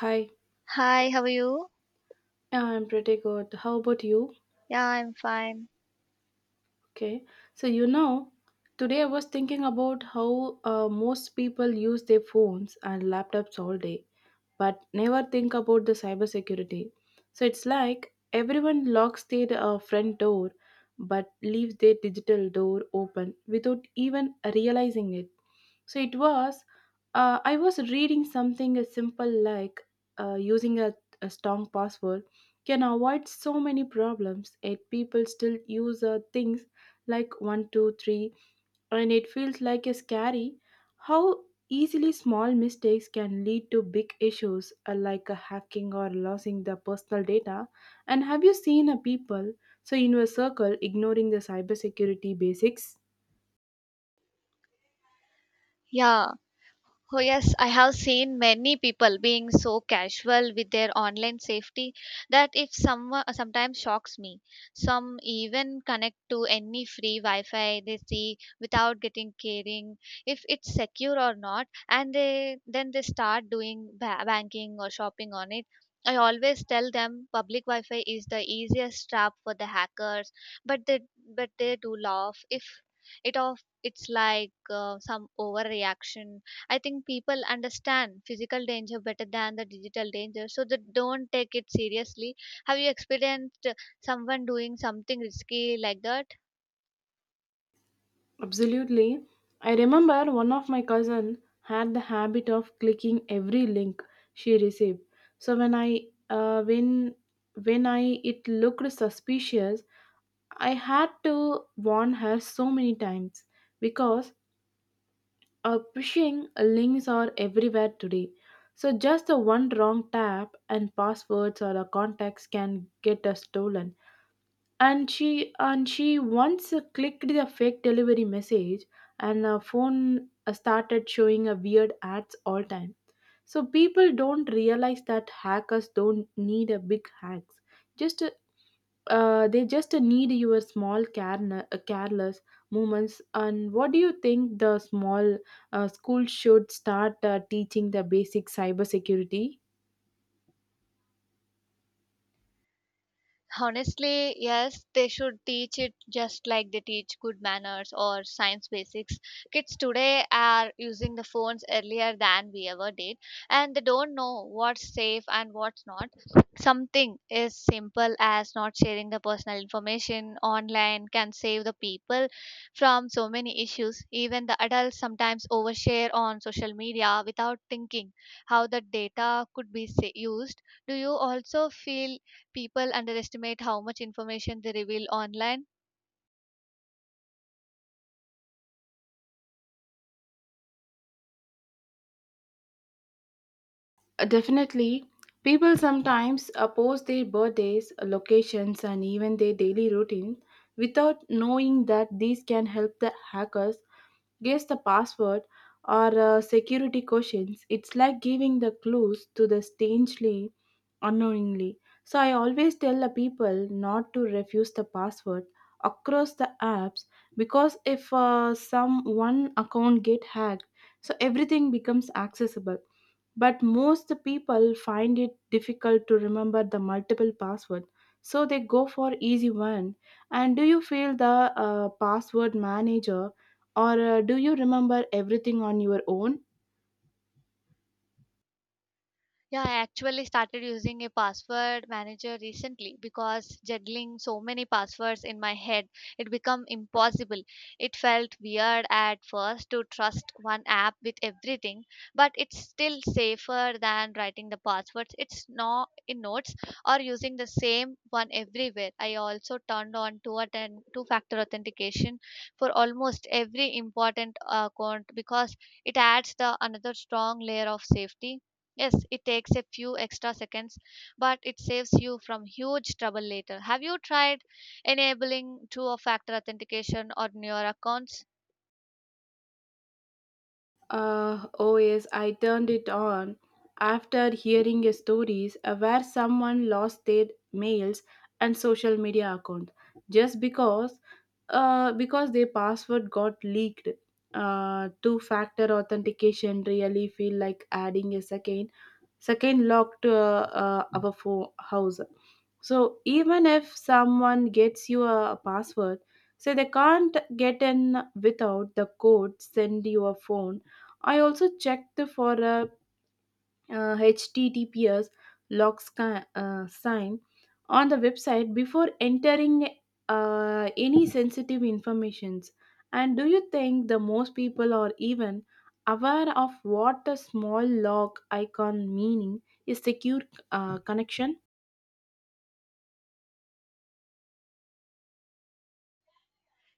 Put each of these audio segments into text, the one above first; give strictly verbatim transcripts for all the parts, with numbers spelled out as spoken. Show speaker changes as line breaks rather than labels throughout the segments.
Hi,
Hi, how are you?
I'm pretty good. How about you?
Yeah, I'm fine.
Okay. So, you know, today I was thinking about how uh, most people use their phones and laptops all day, but never think about the cybersecurity. So it's like everyone locks their uh, front door but leaves their digital door open without even realizing it. So it was, uh, I was reading something as simple like uh, using a, a strong password can avoid so many problems, yet people still use uh, things like one two three, and it feels like a scary how easily small mistakes can lead to big issues uh, like uh, hacking or losing the personal data. And have you seen a people so in your circle ignoring the cybersecurity basics?
Yeah, Oh, yes, I have seen many people being so casual with their online safety that if someone uh, sometimes shocks me. Some even connect to any free Wi Fi they see without getting caring if it's secure or not, and they then they start doing ba- banking or shopping on it. I always tell them public Wi Fi is the easiest trap for the hackers, but they but they do laugh if it off. It's like uh, some overreaction. I think people understand physical danger better than the digital danger, so they don't take it seriously. Have you experienced uh, someone doing something risky like that?
Absolutely. I remember one of my cousin had the habit of clicking every link she received, so when i uh, when when I it looked suspicious, I had to warn her so many times because uh, phishing links are everywhere today. So just a one wrong tap and passwords or a contacts can get uh, stolen. And she and she once clicked the fake delivery message, and her phone uh, started showing a weird ads all time. So people don't realize that hackers don't need a big hacks. Just uh, uh, they just need your small care, careless moments. And what do you think, the small uh, school should start uh, teaching the basic cybersecurity?
Honestly, yes, they should teach it just like they teach good manners or science basics. Kids today are using the phones earlier than we ever did, and they don't know what's safe and what's not. Something as simple as not sharing the personal information online can save the people from so many issues. Even the adults sometimes overshare on social media without thinking how the data could be sa- used. Do you also feel people underestimate how much information they reveal online?
Uh, definitely. People sometimes oppose their birthdays, locations, and even their daily routine without knowing that these can help the hackers guess the password or uh, security questions. It's like giving the clues to the strangely, unknowingly. So I always tell the people not to refuse the password across the apps, because if uh, some one account get hacked, so everything becomes accessible, but most people find it difficult to remember the multiple password, so they go for easy one. And do you feel the uh, password manager, or uh, do you remember everything on your own?
Yeah, I actually started using a password manager recently because juggling so many passwords in my head, it became impossible. It felt weird at first to trust one app with everything, but it's still safer than writing the passwords. It's not in notes or using the same one everywhere. I also turned on two attend two factor authentication for almost every important account because it adds the another strong layer of safety. Yes, it takes a few extra seconds, but it saves you from huge trouble later. Have you tried enabling two factor authentication on your accounts?
Uh, oh yes, I turned it on after hearing a stories uh, where someone lost their mails and social media account just because uh, because their password got leaked. Uh, two-factor authentication really feel like adding a second second locked uh, uh, our fo- house, so even if someone gets you a password, so they can't get in without the code send you a phone. I also checked for a uh, https lock sci- uh, sign on the website before entering uh, any sensitive informations. And do you think the most people are even aware of what the small lock icon meaning is secure uh, connection?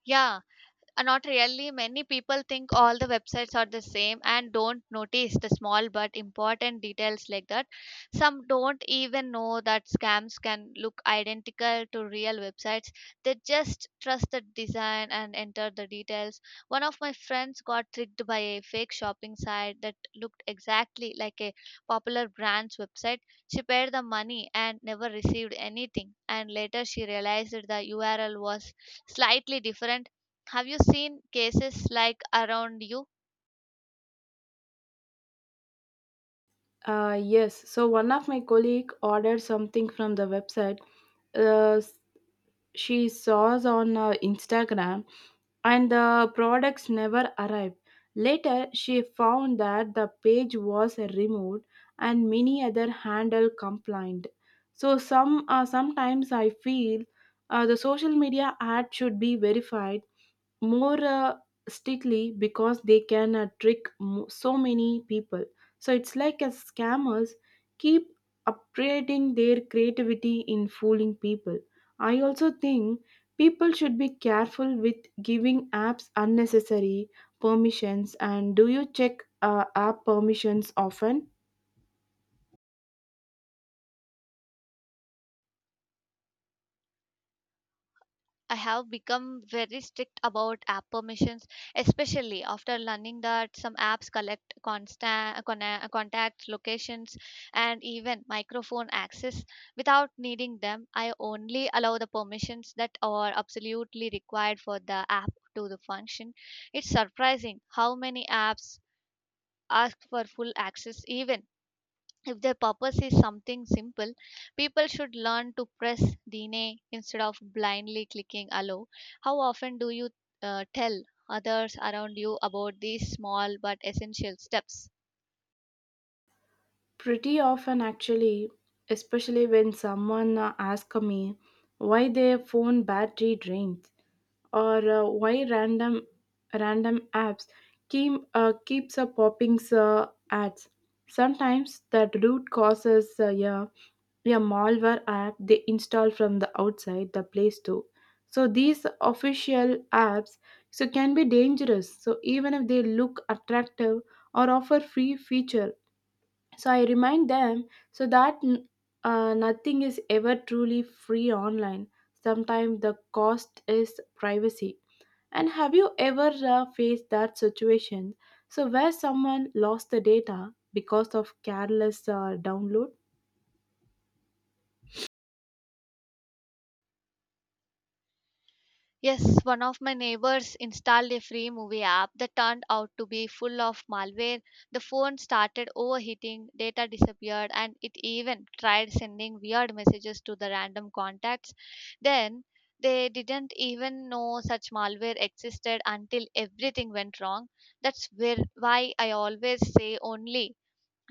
Yeah, Uh, not really. Many people think all the websites are the same and don't notice the small but important details like that. Some don't even know that scams can look identical to real websites. They just trust the design and enter the details. One of my friends got tricked by a fake shopping site that looked exactly like a popular brand's website. She paid the money and never received anything. And later she realized that the U R L was slightly different. Have you seen cases like around you?
uh, Yes, so one of my colleague ordered something from the website uh, she saws on uh, Instagram, and the products never arrived. Later, she found that the page was removed and many other handle complained. So some uh, sometimes I feel uh, the social media ad should be verified more uh, strictly, because they can uh, trick mo- so many people. So it's like as scammers keep upgrading their creativity in fooling people. I also think people should be careful with giving apps unnecessary permissions. And do you check uh, app permissions often?
I have become very strict about app permissions, especially after learning that some apps collect constant contact locations and even microphone access without needing them. I only allow the permissions that are absolutely required for the app to the function. It's surprising how many apps ask for full access even if their purpose is something simple, people should learn to press the instead of blindly clicking allow. How often do you uh, tell others around you about these small but essential steps?
Pretty often, actually, especially when someone uh, asks me why their phone battery drains or uh, why random random apps keep uh, keeps uh, popping uh, ads. Sometimes that root causes, uh, yeah, a malware app they install from the outside the Play Store. So these official apps so can be dangerous. So even if they look attractive or offer free feature, so I remind them so that n- uh, nothing is ever truly free online. Sometimes the cost is privacy. And have you ever uh, faced that situation, so where someone lost the data because of careless uh, download?
Yes, one of my neighbors installed a free movie app that turned out to be full of malware. The phone started overheating, data disappeared, and it even tried sending weird messages to the random contacts. Then they didn't even know such malware existed until everything went wrong. That's where why I always say only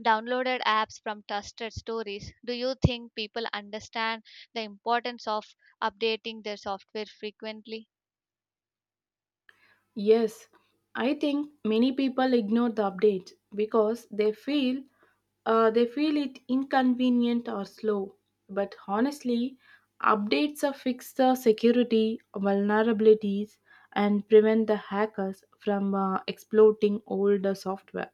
downloaded apps from trusted stories. Do you think people understand the importance of updating their software frequently?
Yes, I think many people ignore the updates because they feel uh, they feel it inconvenient or slow. But honestly, updates are fix the security vulnerabilities and prevent the hackers from uh, exploiting older software.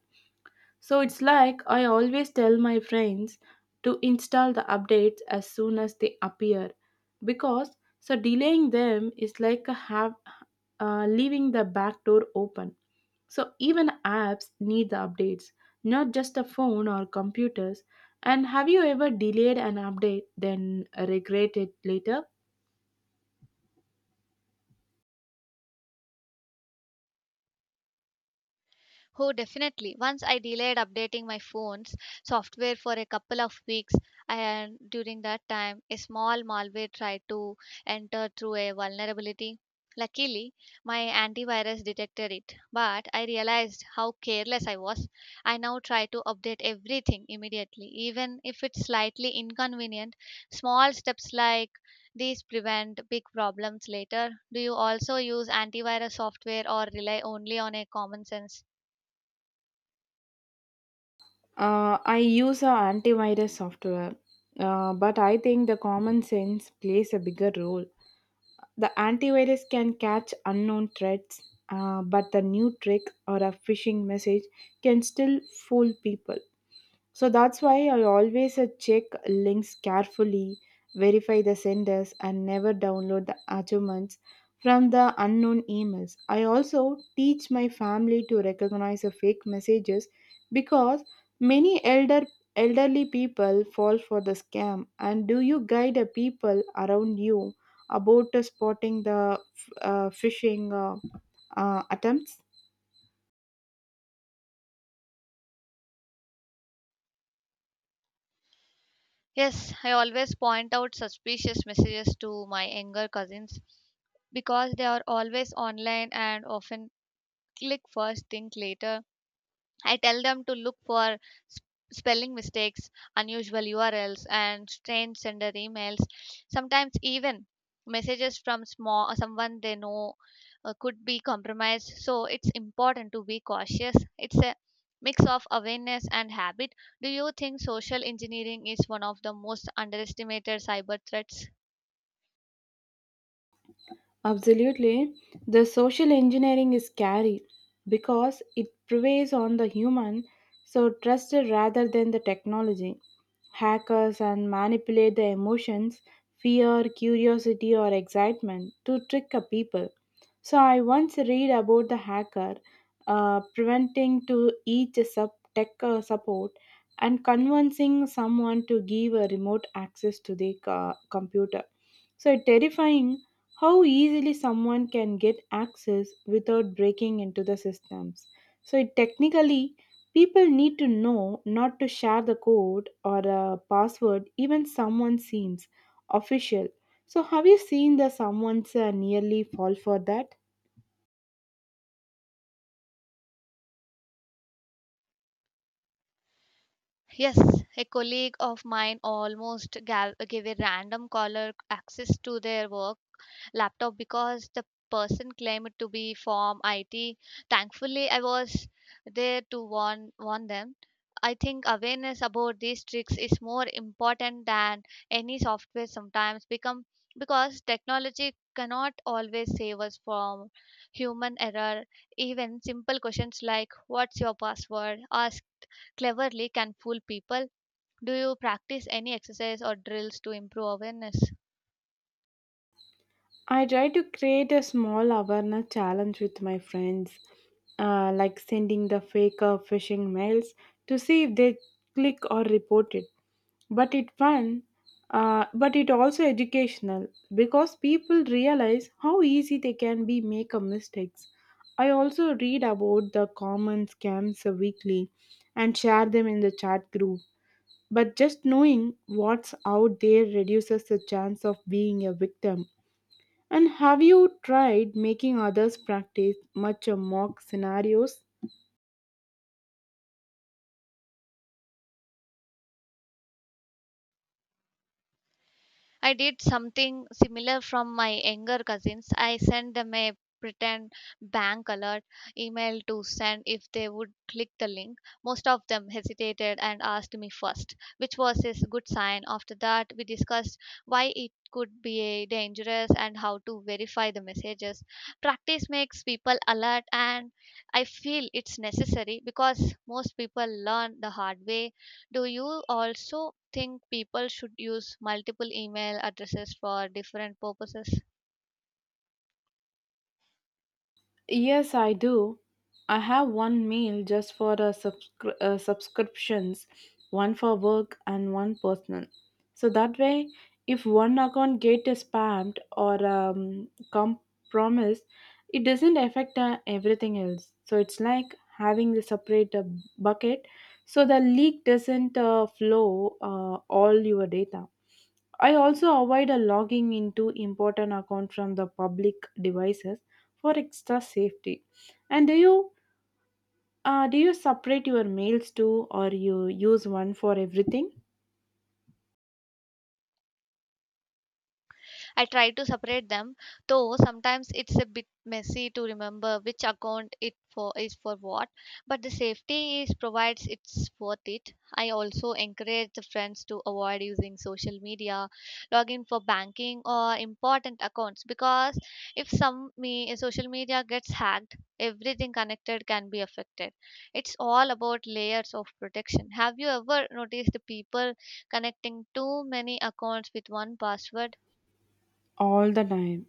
So it's like I always tell my friends to install the updates as soon as they appear, because so delaying them is like a have uh, leaving the back door open. So even apps need the updates, not just a phone or computers. And have you ever delayed an update then regret it later?
Oh, definitely. Once I delayed updating my phone's software for a couple of weeks, and during that time, a small malware tried to enter through a vulnerability. Luckily, my antivirus detected it, but I realized how careless I was. I now try to update everything immediately, even if it's slightly inconvenient. Small steps like these prevent big problems later. Do you also use antivirus software or rely only on a common sense?
Uh, I use a antivirus software, uh, but I think the common sense plays a bigger role. The antivirus can catch unknown threats, uh, but the new trick or a phishing message can still fool people. So that's why I always uh, check links carefully, verify the senders, and never download the attachments from the unknown emails. I also teach my family to recognize the fake messages, because many elder elderly people fall for the scam. And do you guide the people around you about uh, spotting the f- uh, phishing uh, uh, attempts?
Yes, I always point out suspicious messages to my younger cousins because they are always online and often click first, think later. I tell them to look for sp- spelling mistakes, unusual U R Ls, and strange sender emails. Sometimes even messages from small uh, someone they know uh, could be compromised. So it's important to be cautious. It's a mix of awareness and habit. Do you think social engineering is one of the most underestimated cyber threats?
Absolutely. The social engineering is scary because it preys on the human, so trust rather than the technology. Hackers and manipulate the emotions, fear, curiosity, or excitement to trick a people. So I once read about the hacker uh, preventing to each sub tech uh, support and convincing someone to give a remote access to the co- computer. So terrifying how easily someone can get access without breaking into the systems. So it technically, people need to know not to share the code or a password even someone seems official. So have you seen the someone's uh, nearly fall for that?
Yes, a colleague of mine almost gal- gave a random caller access to their work laptop because the person claimed to be from I T. Thankfully, I was there to warn, warn them. I think awareness about these tricks is more important than any software sometimes become because technology cannot always save us from human error. Even simple questions like what's your password ask cleverly can fool people. Do you practice any exercise or drills to improve awareness?
I try to create a small awareness challenge with my friends, uh, like sending the fake uh, phishing mails to see if they click or report it. But it fun, uh, but it also educational, because people realize how easy they can be make a mistakes. I also read about the common scams weekly and share them in the chat group. But just knowing what's out there reduces the chance of being a victim. And have you tried making others practice much of mock scenarios?
I did something similar from my younger cousins. I sent them a pretend bank alert email to send if they would click the link. Most of them hesitated and asked me first, which was a good sign. After that, we discussed why it could be a dangerous and how to verify the messages. Practice makes people alert and I feel it's necessary because most people learn the hard way. Do you also think people should use multiple email addresses for different purposes?
Yes, I do. I have one mail just for the subscri- uh, subscriptions, one for work and one personal. So that way, if one account get spammed or um, compromised, it doesn't affect uh, everything else. So it's like having the separate uh, bucket, so the leak doesn't uh, flow uh, all your data. I also avoid a logging into important account from the public devices for extra safety. And do you uh, do you separate your mails too, or you use one for everything?
I try to separate them, though sometimes it's a bit messy to remember which account it for is for what. But the safety is provides it's worth it. I also encourage the friends to avoid using social media, login for banking or important accounts because if some me social media gets hacked, everything connected can be affected. It's all about layers of protection. Have you ever noticed the people connecting too many accounts with one password?
All the time.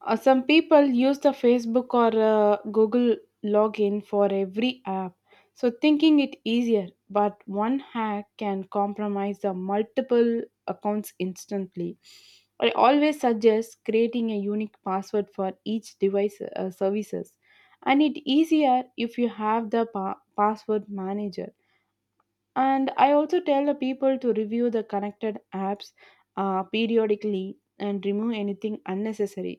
Uh, some people use the Facebook or uh, Google login for every app, so thinking it easier. But one hack can compromise the multiple accounts instantly. I always suggest creating a unique password for each device uh, services, and it easier if you have the pa- password manager. And I also tell the people to review the connected apps uh, periodically and remove anything unnecessary.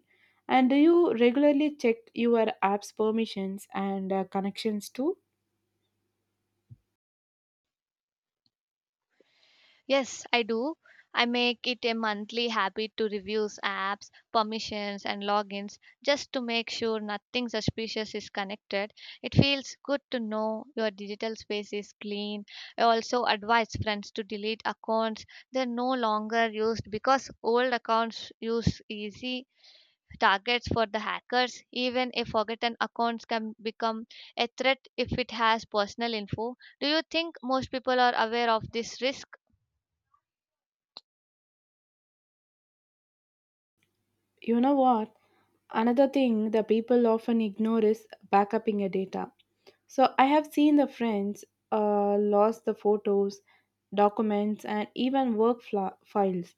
And do you regularly check your apps permissions and uh, connections too?
Yes, I do. I make it a monthly habit to review apps, permissions, and logins just to make sure nothing suspicious is connected. It feels good to know your digital space is clean. I also advise friends to delete accounts they're no longer used because old accounts use easy targets for the hackers. Even a forgotten account can become a threat if it has personal info. Do you think most people are aware of this risk?
You know what, another thing the people often ignore is backupping your data. So I have seen the friends uh, lost the photos, documents, and even work fla- files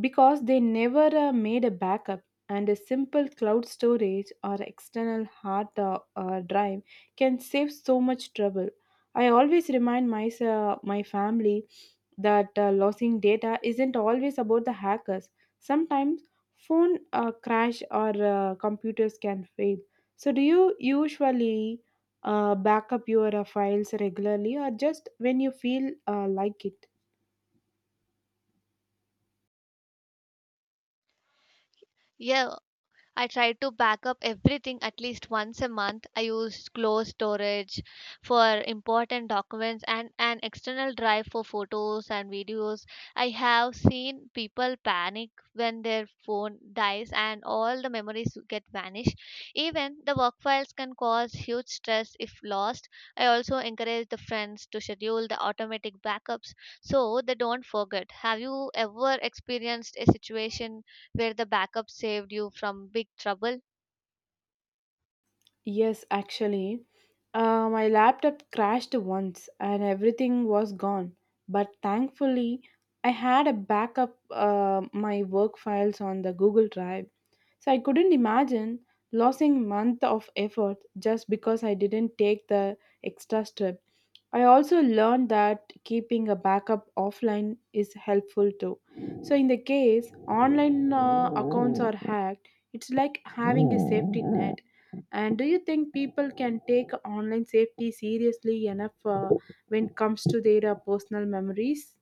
because they never uh, made a backup. And a simple cloud storage or external hard uh, uh, drive can save so much trouble. I always remind myself, my family, that uh, losing data isn't always about the hackers. Sometimes phone uh, crash or uh, computers can fail. So do you usually uh, back up your uh, files regularly, or just when you feel uh, like it?
Yeah, I try to back up everything at least once a month. I use cloud storage for important documents and an external drive for photos and videos. I have seen people panic when their phone dies and all the memories get vanished. Even the work files can cause huge stress if lost. I also encourage the friends to schedule the automatic backups so they don't forget. Have you ever experienced a situation where the backup saved you from big trouble?
Yes, actually, uh, my laptop crashed once and everything was gone. But thankfully, I had a backup uh, my work files on the Google Drive. So I couldn't imagine losing month of effort just because I didn't take the extra step. I also learned that keeping a backup offline is helpful too. So in the case online uh, accounts are hacked, it's like having a safety net. And do you think people can take online safety seriously enough uh, when it comes to their uh, personal memories?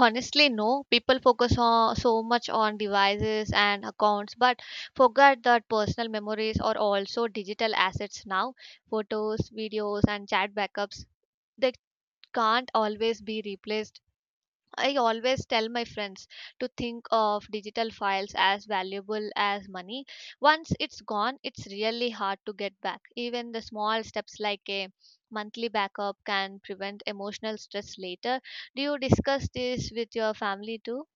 Honestly, no. People focus on, so much on devices and accounts, but forget that personal memories are also digital assets now. Photos, videos, and chat backups. They can't always be replaced. I always tell my friends to think of digital files as valuable as money. Once it's gone, it's really hard to get back. Even the small steps like a monthly backup can prevent emotional stress later. Do you discuss this with your family too?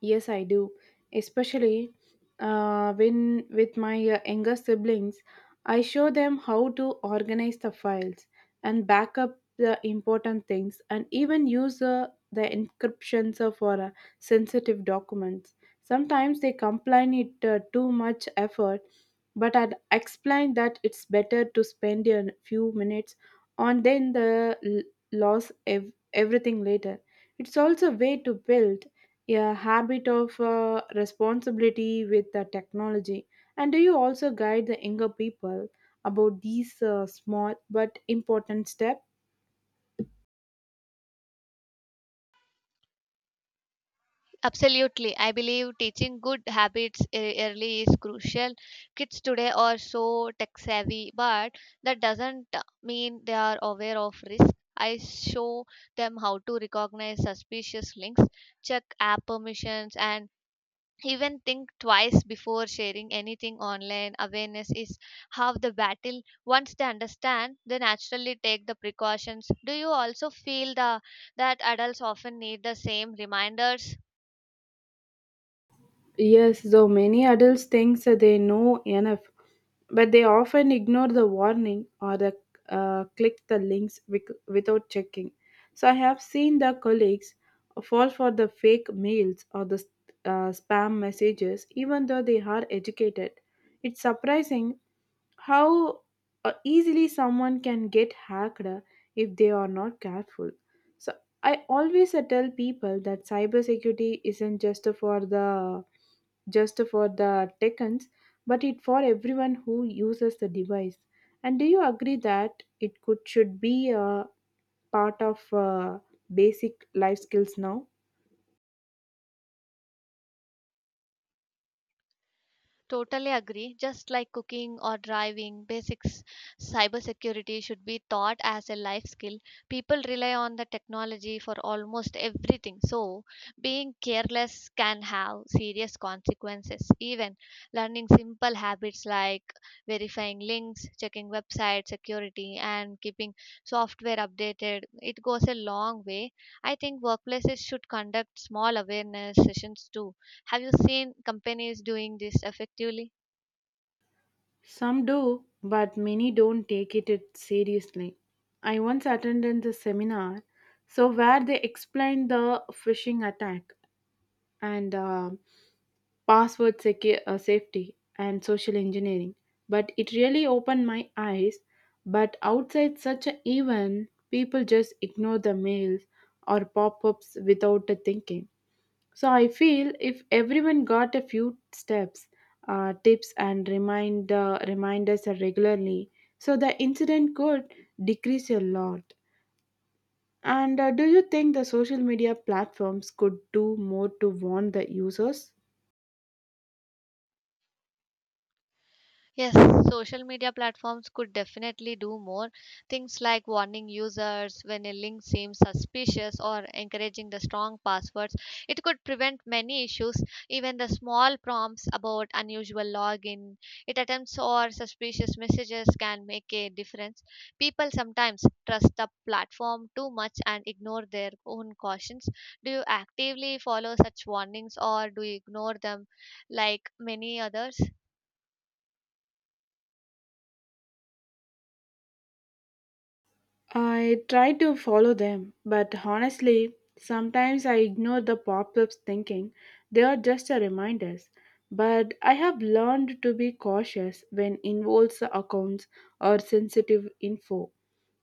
Yes, I do. Especially uh, when with my uh, younger siblings, I show them how to organize the files and back up the important things and even use uh, the encryptions uh, for uh, sensitive documents. Sometimes they complain it uh, too much effort, but I'd explain that it's better to spend a few minutes on then the l- loss ev- everything later. It's also a way to build a habit of uh, responsibility with the technology. And do you also guide the younger people about these uh, small but important steps?
Absolutely. I believe teaching good habits e- early is crucial. Kids today are so tech savvy, but that doesn't mean they are aware of risk. I show them how to recognize suspicious links, check app permissions, and even think twice before sharing anything online. Awareness is half the battle. Once they understand, they naturally take the precautions. Do you also feel the, that adults often need the same reminders?
Yes, though many adults think that they know enough, but they often ignore the warning or the, uh, click the links wic- without checking. So I have seen the colleagues fall for the fake mails or the uh, spam messages, even though they are educated. It's surprising how uh, easily someone can get hacked if they are not careful. So I always uh, tell people that cybersecurity isn't just for the just for the techans, but it for everyone who uses the device. And do you agree that it could should be a part of uh, basic life skills now?
Totally agree. Just like cooking or driving, basics cybersecurity should be taught as a life skill. People rely on the technology for almost everything. So, being careless can have serious consequences. Even learning simple habits like verifying links, checking website security, and keeping software updated, it goes a long way. I think workplaces should conduct small awareness sessions too. Have you seen companies doing this effectively?
Some do, but many don't take it it seriously. I once attended the seminar, so where they explained the phishing attack and. Um password secu- uh, safety and social engineering, but it really opened my eyes. But outside such an event people just ignore the mails or pop-ups without the thinking. So I feel if everyone got a few steps, uh, tips and remind uh, reminders regularly, so the incident could decrease a lot. And uh, do you think the social media platforms could do more to warn the users?
Yes, social media platforms could definitely do more. Things like warning users when a link seems suspicious or encouraging the strong passwords. It could prevent many issues, even the small prompts about unusual login, it attempts or suspicious messages can make a difference. People sometimes trust the platform too much and ignore their own cautions. Do you actively follow such warnings or do you ignore them like many others?
I try to follow them, but honestly, sometimes I ignore the pop ups thinking they are just a reminders. But I have learned to be cautious when involves accounts or sensitive info.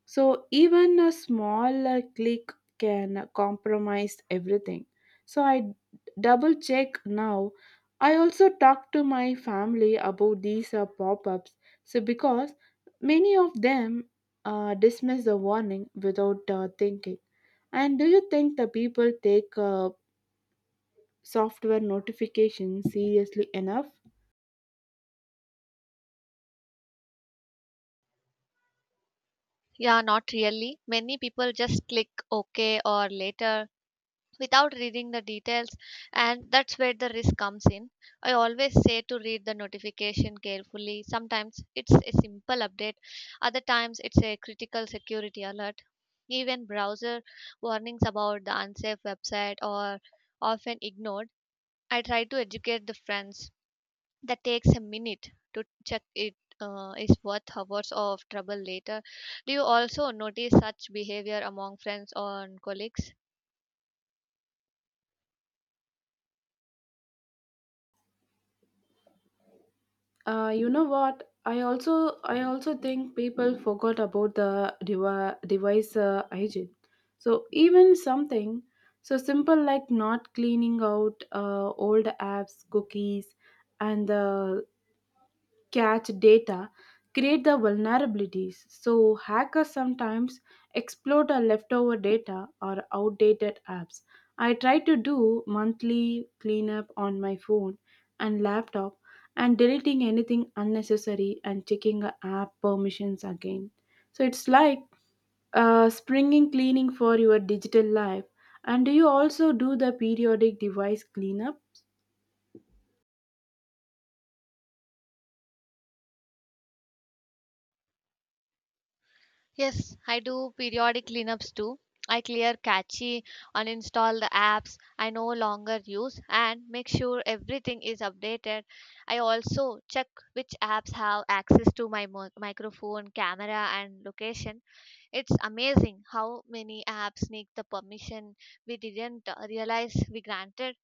So even a small uh, click can uh, compromise everything. So I double check now. I also talk to my family about these uh, pop-ups. So because many of them uh, dismiss the warning without uh, thinking. And do you think the people take uh, software notifications seriously enough?
Yeah, not really. Many people just click OK or later without reading the details, and that's where the risk comes in. I always say to read the notification carefully. Sometimes it's a simple update, other times it's a critical security alert. Even browser warnings about the unsafe website are often ignored. I try to educate the friends that takes a minute to check it uh, is worth hours of trouble later. Do you also notice such behavior among friends or colleagues?
Uh, you know what? I also I also think people forgot about the devi- device uh, hygiene. So even something so simple like not cleaning out uh, old apps, cookies, and the catch data create the vulnerabilities. So, hackers sometimes exploit our leftover data or outdated apps. I try to do monthly cleanup on my phone and laptop, and deleting anything unnecessary and checking the app permissions again. So, it's like uh, springing cleaning for your digital life. And do you also do the periodic device cleanup?
Yes, I do periodic cleanups too. I clear catchy, uninstall the apps I no longer use, and make sure everything is updated. I also check which apps have access to my mo- microphone, camera, and location. It's amazing how many apps sneak the permission we didn't uh, realize we granted.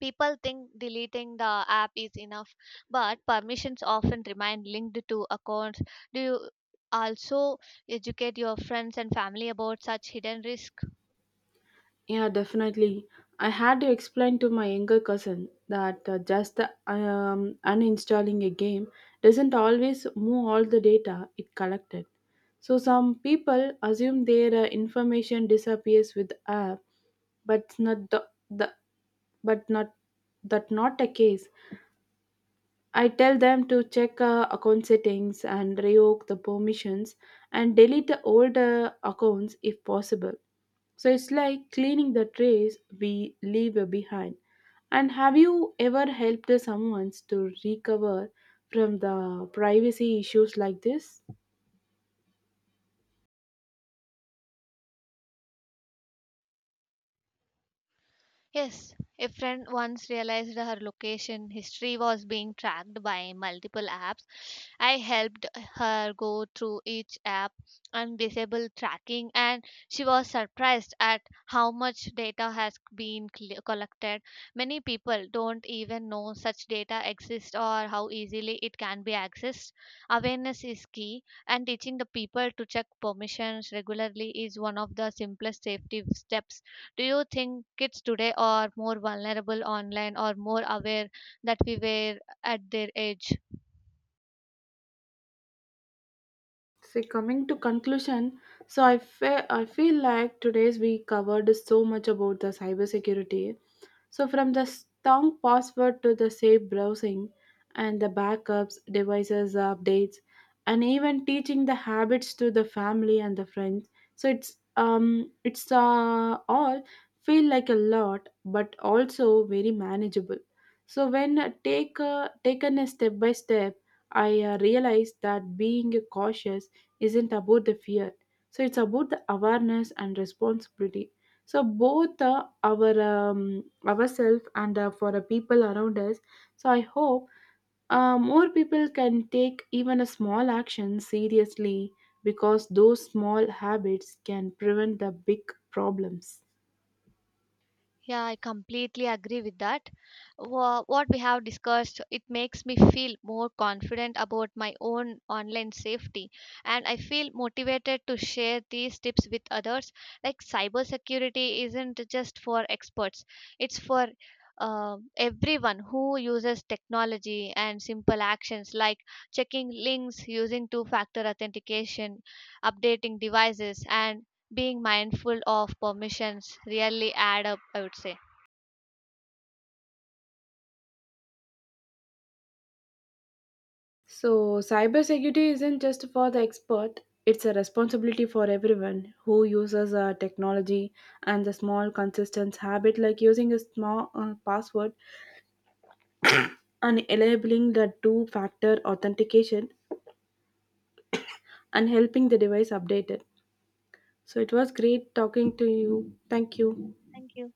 People think deleting the app is enough, but permissions often remain linked to accounts. Do you also educate your friends and family about such hidden risks?
Yeah, definitely. I had to explain to my younger cousin that uh, just the, um, uninstalling a game doesn't always move all the data it collected. So some people assume their uh, information disappears with app, but not the, the but not that not the case. I tell them to check uh, account settings and revoke the permissions and delete the old uh, accounts if possible, so it's like cleaning the trays we leave behind. And have you ever helped someone to recover from the privacy issues like this?
Yes, a friend once realized her location history was being tracked by multiple apps. I helped her go through each app and disable tracking, and she was surprised at how much data has been cl- collected. Many people don't even know such data exists or how easily it can be accessed. Awareness is key, and teaching the people to check permissions regularly is one of the simplest safety steps. Do you think kids today are more vulnerable online or more aware that we were at their age?
So coming to conclusion, so I fe- I feel like today's we covered so much about the cybersecurity. So from the strong password to the safe browsing, and the backups, devices updates, and even teaching the habits to the family and the friends. So it's um it's uh, all feel like a lot, but also very manageable. So when uh, take uh, taken a step by step, I uh, realized that being cautious isn't about the fear, so it's about the awareness and responsibility, so both uh, our um, ourselves and uh, for the people around us. So I hope uh, more people can take even a small action seriously, because those small habits can prevent the big problems.
Yeah, I completely agree with that. Wha- What we have discussed, it makes me feel more confident about my own online safety, and I feel motivated to share these tips with others. Like cybersecurity isn't just for experts; it's for uh, everyone who uses technology and simple actions like checking links using two factor authentication, updating devices, and being mindful of permissions really add up, I would say.
So, cybersecurity isn't just for the expert, it's a responsibility for everyone who uses uh, technology, and the small, consistent habit like using a small uh, password and enabling the two factor authentication and helping the device update it. So, it was great talking to you. Thank you.
Thank you.